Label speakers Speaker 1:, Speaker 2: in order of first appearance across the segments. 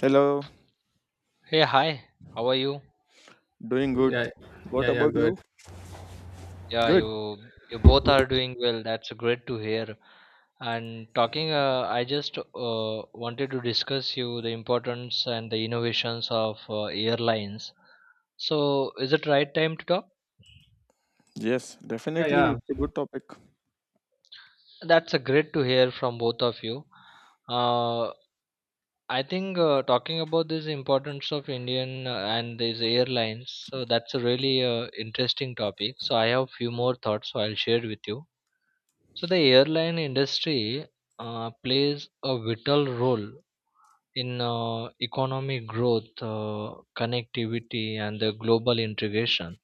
Speaker 1: Hello,
Speaker 2: Hey, hi. How are you?
Speaker 1: doing good.
Speaker 3: Yeah,
Speaker 1: What
Speaker 3: yeah, yeah,
Speaker 1: about
Speaker 3: good.
Speaker 1: you?
Speaker 2: Yeah,
Speaker 1: Good.
Speaker 2: you both are doing well. That's great to hear. And talking, I just wanted to discuss you the importance and the innovations of airlines. So, is it right time to talk?
Speaker 1: Yes,
Speaker 3: Yeah,
Speaker 1: definitely it's a
Speaker 3: yeah.
Speaker 1: good topic.
Speaker 2: That's a great to hear from both of you. Uh, I think talking about this importance of Indian and these airlines, so that's a really interesting topic. So I have few more thoughts, so I'll share with you. So the airline industry plays a vital role in economic growth, connectivity, and the global integration.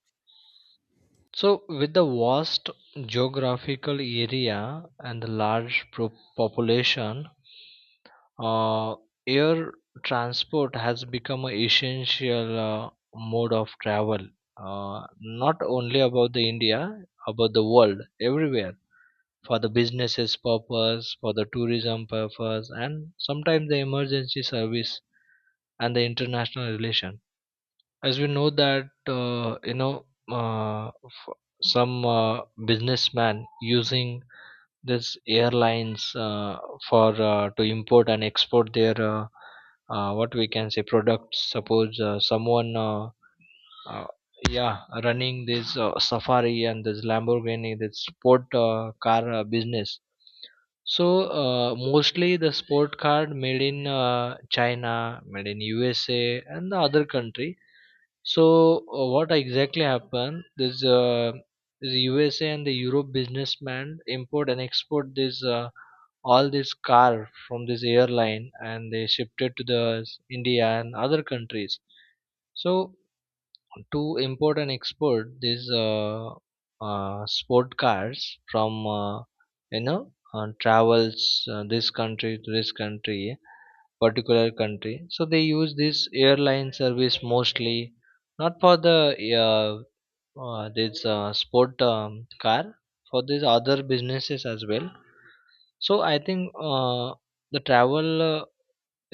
Speaker 2: So, with the vast geographical area and the large population, uh, air transport has become an essential mode of travel. Not only about the India, about the world, everywhere for the businesses purpose for the tourism purpose and sometimes the emergency service and the international relation as we know that uh, f- some businessman using this airlines for to import and export their what we can say products suppose someone uh, yeah running this safari and this lamborghini this sport car business so mostly the sport car made in china made in usa and the other country so what exactly happened this usa and the europe businessman import and export this all this car from this airline and they shipped it to the india and other countries so to import and export these sport cars from travels this country to this country particular country so they use this airline service mostly not for the uh, this sport car for these other businesses as well so I think the travel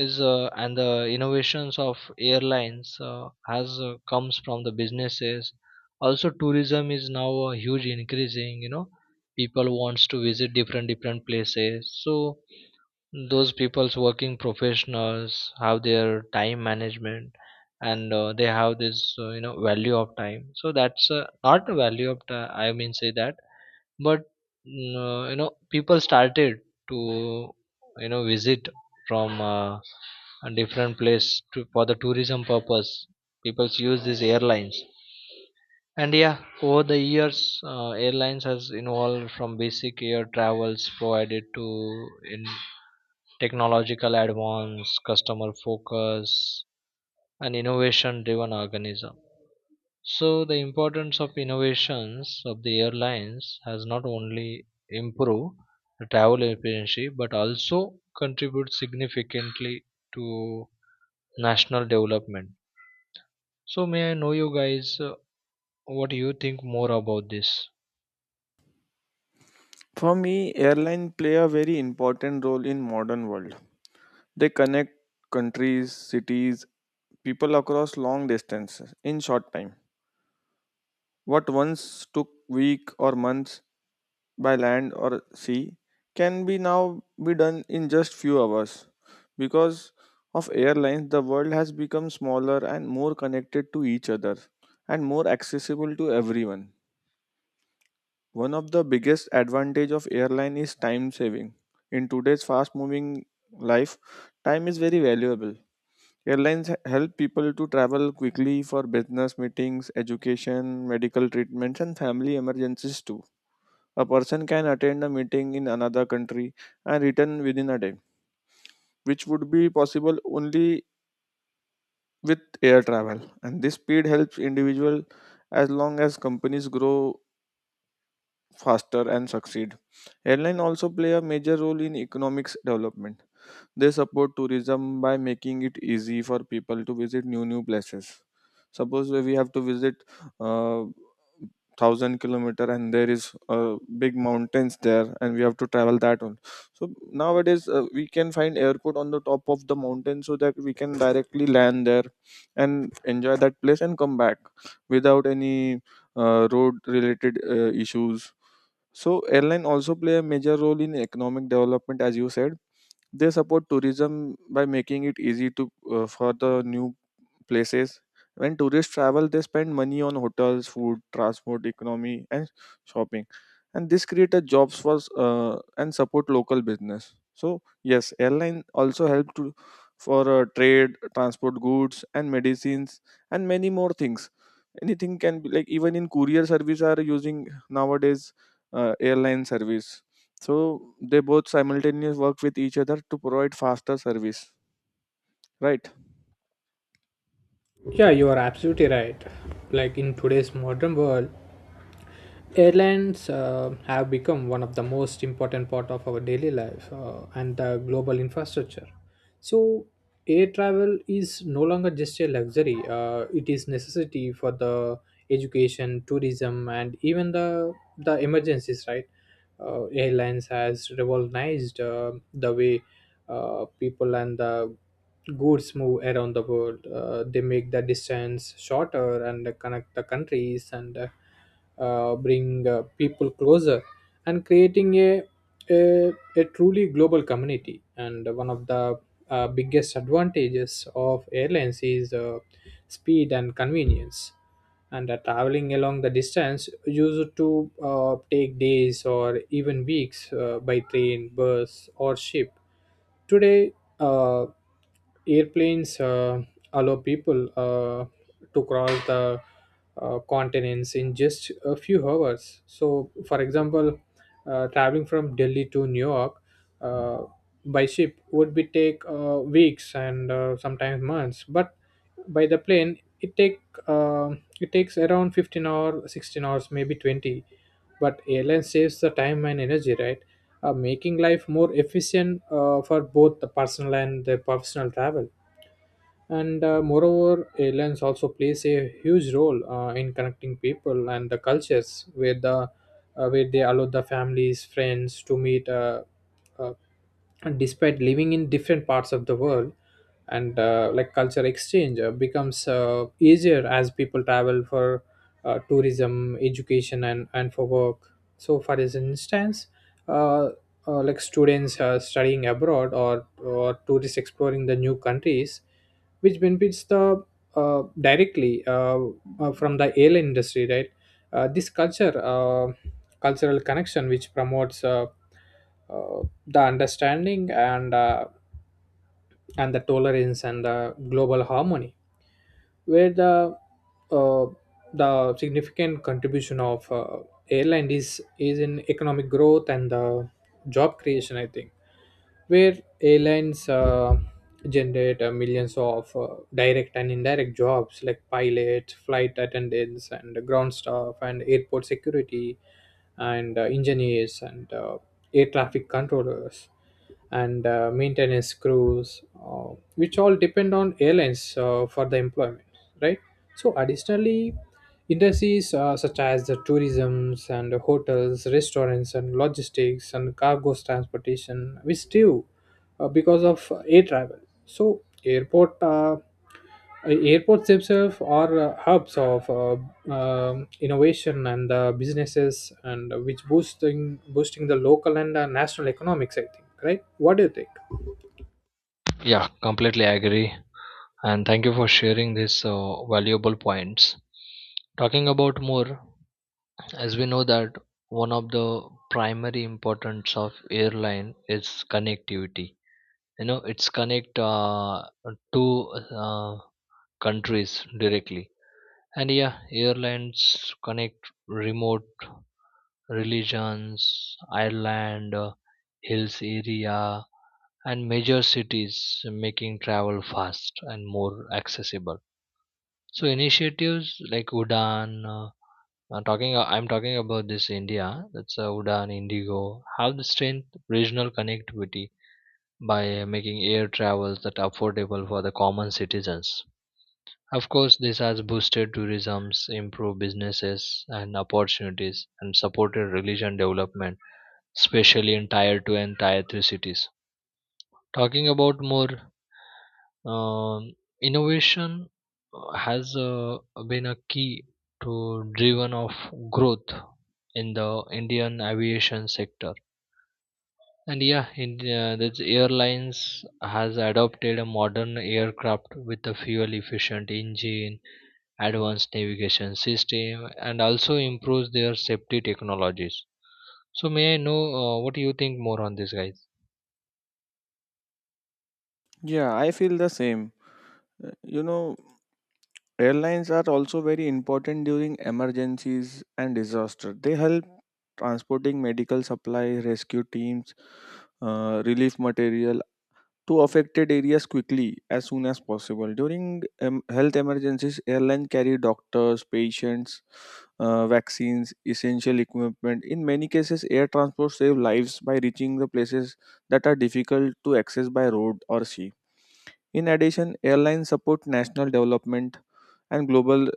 Speaker 2: is and the innovations of airlines has comes from the businesses also tourism is now a huge increasing people wants to visit different places so those people's working professionals have their time management and they have this value of time so that's not the value of time I mean say that but you know people started to you know visit from a different place to, for the tourism purpose people use these airlines and yeah over the years airlines has evolved from basic air travels provided to in technological advance customer focus and innovation driven organism so the importance of innovations of the airlines has not only improved the travel efficiency but also contributes significantly to national development. So may I know you guys what do you think more about this?
Speaker 1: For me, airline play a very important role in modern world. They connect countries, cities, people across long distances in short time. What once took week or months by land or sea can be now be done in just few hours because of airlines the world has become smaller and more connected to each other and more accessible to everyone. One of the biggest advantage of airline is time saving. In today's fast moving life, time is very valuable. Airlines help people to travel quickly for business meetings, education, medical treatments, and family emergencies too. A person can attend a meeting in another country and return within a day, which would be possible only with air travel. And this speed helps individual as long as companies grow faster and succeed. Airline also play a major role in economics development. They support tourism by making it easy for people to visit new places. Suppose we have to visit uh, 1000 kilometer and there is big mountains there and we have to travel that one, so nowadays we can find airport on the top of the mountain so that we can directly land there and enjoy that place and come back without any road related issues. So airline also play a major role in economic development, as you said, they support tourism by making it easy to for the new places. When tourists travel, they spend money on hotels, food, transport, economy, and shopping, and this creates jobs for and support local business. So yes, airline also help to for trade, transport goods and medicines, and many more things. Anything can be like even in courier service are using nowadays airline service, so they both simultaneously work with each other to provide faster service, right?
Speaker 3: Yeah, you are absolutely right. Like in today's modern world, airlines have become one of the most important part of our daily life and the global infrastructure. So, air travel is no longer just a luxury. It is necessity for the education, tourism, and even the emergencies. Right, airlines has revolutionized the way people and the goods move around the world. They make the distance shorter and connect the countries and bring people closer and creating a truly global community. And one of the biggest advantages of airlines is speed and convenience, and traveling along the distance used to take days or even weeks by train, bus, or ship today. uh, Airplanes allow people to cross the continents in just a few hours. So for example, traveling from Delhi to New York uh, by ship would be take weeks and sometimes months, but by the plane uh, it takes around 15 or 16 hours, maybe 20, but airline saves the time and energy, right? Making life more efficient for both the personal and the professional travel. And moreover, airlines also plays a huge role in connecting people and the cultures, where the where they allow the families, friends to meet, uh, and despite living in different parts of the world. And like culture exchange becomes easier as people travel for tourism, education, and for work. So for this instance, uh, like students studying abroad, or tourists exploring the new countries, which benefits the directly from the airline industry, right? This culture Cultural connection which promotes uh, the understanding and the tolerance and the global harmony. Where uh, the significant contribution of airline is in economic growth and the job creation, I think. Where airlines generate millions of direct and indirect jobs like pilots, flight attendants, and ground staff, and airport security, and engineers, and air traffic controllers, and maintenance crews, which all depend on airlines for the employment, right? So additionally, industries such as the tourisms and the hotels, restaurants, and logistics, and cargo transportation, which still because of air travel. So airports themselves are hubs of innovation and businesses, and which boosting the local and national economics, I think, right? What do you think?
Speaker 2: Yeah, completely agree. And thank you for sharing these valuable points. Talking about more, as we know that one of the primary importance of airline is connectivity you know it's connect two uh, countries directly and yeah airlines connect remote religions island, hills area and major cities making travel fast and more accessible so initiatives like udan I'm talking about this India that's Udan Indigo have the strength regional connectivity by making air travels that affordable for the common citizens. Of course, this has boosted tourism, improved businesses and opportunities, and supported religion development, especially in Tier 2 and Tier 3 cities. Talking about more um, innovation has been a key to driven of growth in the Indian aviation sector and yeah, India, the airlines has adopted a modern aircraft with a fuel efficient engine, advanced navigation system, and also improves their safety technologies. So may I know what do you think more on this, guys?
Speaker 1: Yeah, I feel the same. You know, airlines are also very important during emergencies and disaster. They help transporting medical supplies, rescue teams, relief material, to affected areas quickly as soon as possible. During health emergencies, airlines carry doctors, patients, vaccines, essential equipment. In many cases, air transport saves lives by reaching the places that are difficult to access by road or sea. In addition, airlines support national development and global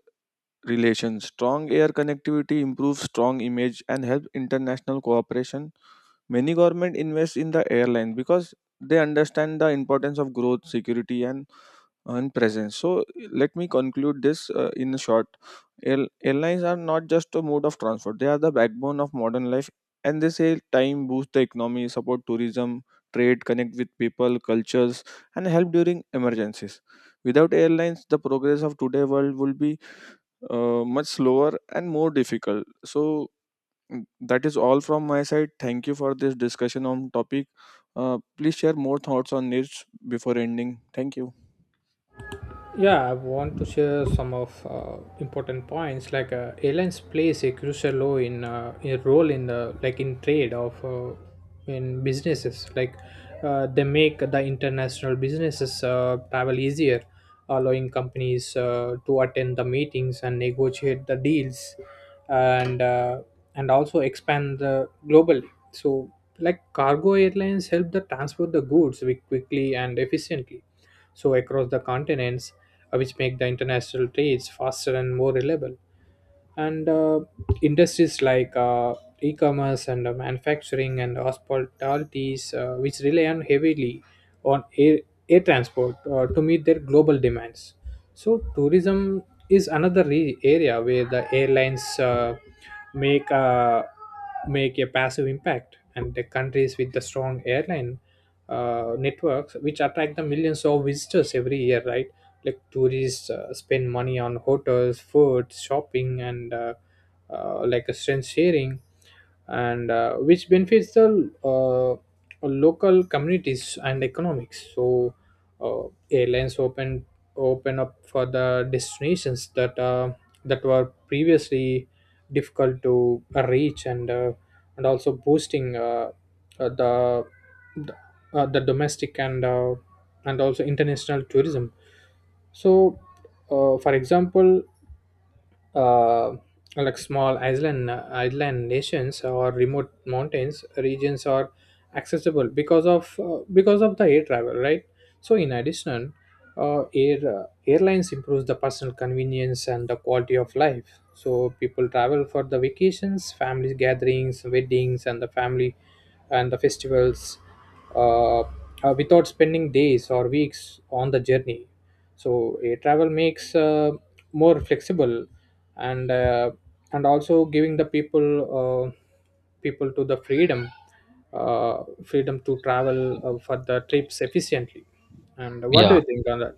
Speaker 1: relations. Strong air connectivity improves strong image and helps international cooperation. Many government invest in the airline because they understand the importance of growth, security, and presence. So let me conclude this in short. Air, airlines are not just a mode of transport; they are the backbone of modern life, and they save time, boost the economy, support tourism, trade, connect with people, cultures, and help during emergencies. Without airlines, the progress of today world will be much slower and more difficult. So that is all from my side. Thank you for this discussion on topic. Please share more thoughts on this before ending. Thank you.
Speaker 3: Yeah, I want to share some of important points. Like airlines plays a crucial role in a role in the, like in trade of in businesses. Like they make the international businesses travel easier, allowing companies to attend the meetings and negotiate the deals, and uh, and also expand the globally. So like cargo airlines help the transport the goods quickly and efficiently so across the continents, which make the international trades faster and more reliable. And industries like e-commerce and manufacturing and hospitalities, which rely on heavily on air transport to meet their global demands. So tourism is another area where the airlines make a make a passive impact, and the countries with the strong airline networks which attract the millions of visitors every year, right? Like tourists spend money on hotels, food, shopping, and like a strength sharing, and which benefits the local communities and economics. So uh, airlines open up for the destinations that that were previously difficult to reach, and also boosting uh, the the, the domestic and also international tourism. So, for example, uh, like small island nations or remote mountains regions are accessible because of the air travel, right? So, in addition, airlines improves the personal convenience and the quality of life. So, people travel for the vacations, family gatherings, weddings, and the family and the festivals, without spending days or weeks on the journey. So air travel makes more flexible, and uh, and also giving the people uh, people to the freedom, freedom to travel for the trips efficiently. And what do
Speaker 2: Yeah,
Speaker 3: you think on that?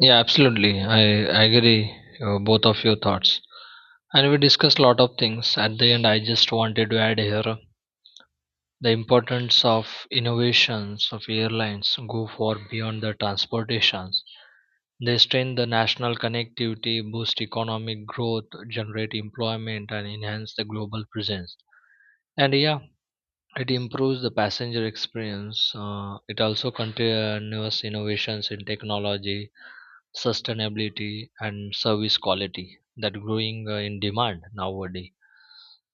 Speaker 2: yeah, absolutely. I agree both of your thoughts. And we discussed a lot of things. At the end, I just wanted to add here the importance of innovations of airlines go far beyond the transportations. They strengthen the national connectivity, boost economic growth, generate employment, and enhance the global presence. And yeah, it improves the passenger experience. It also continuous innovations in technology, sustainability, and service quality that growing in demand nowadays.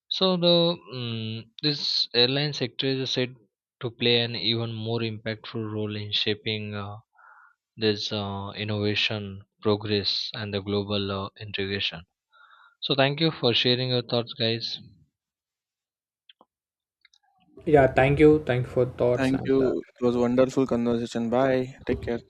Speaker 2: So the this airline sector is said to play an even more impactful role in shaping this innovation, progress, and the global integration. So thank you for sharing your thoughts, guys.
Speaker 3: Yeah, thank you, thank you for thoughts,
Speaker 1: Thank
Speaker 3: and
Speaker 1: you. It was a wonderful conversation. Bye. Take care.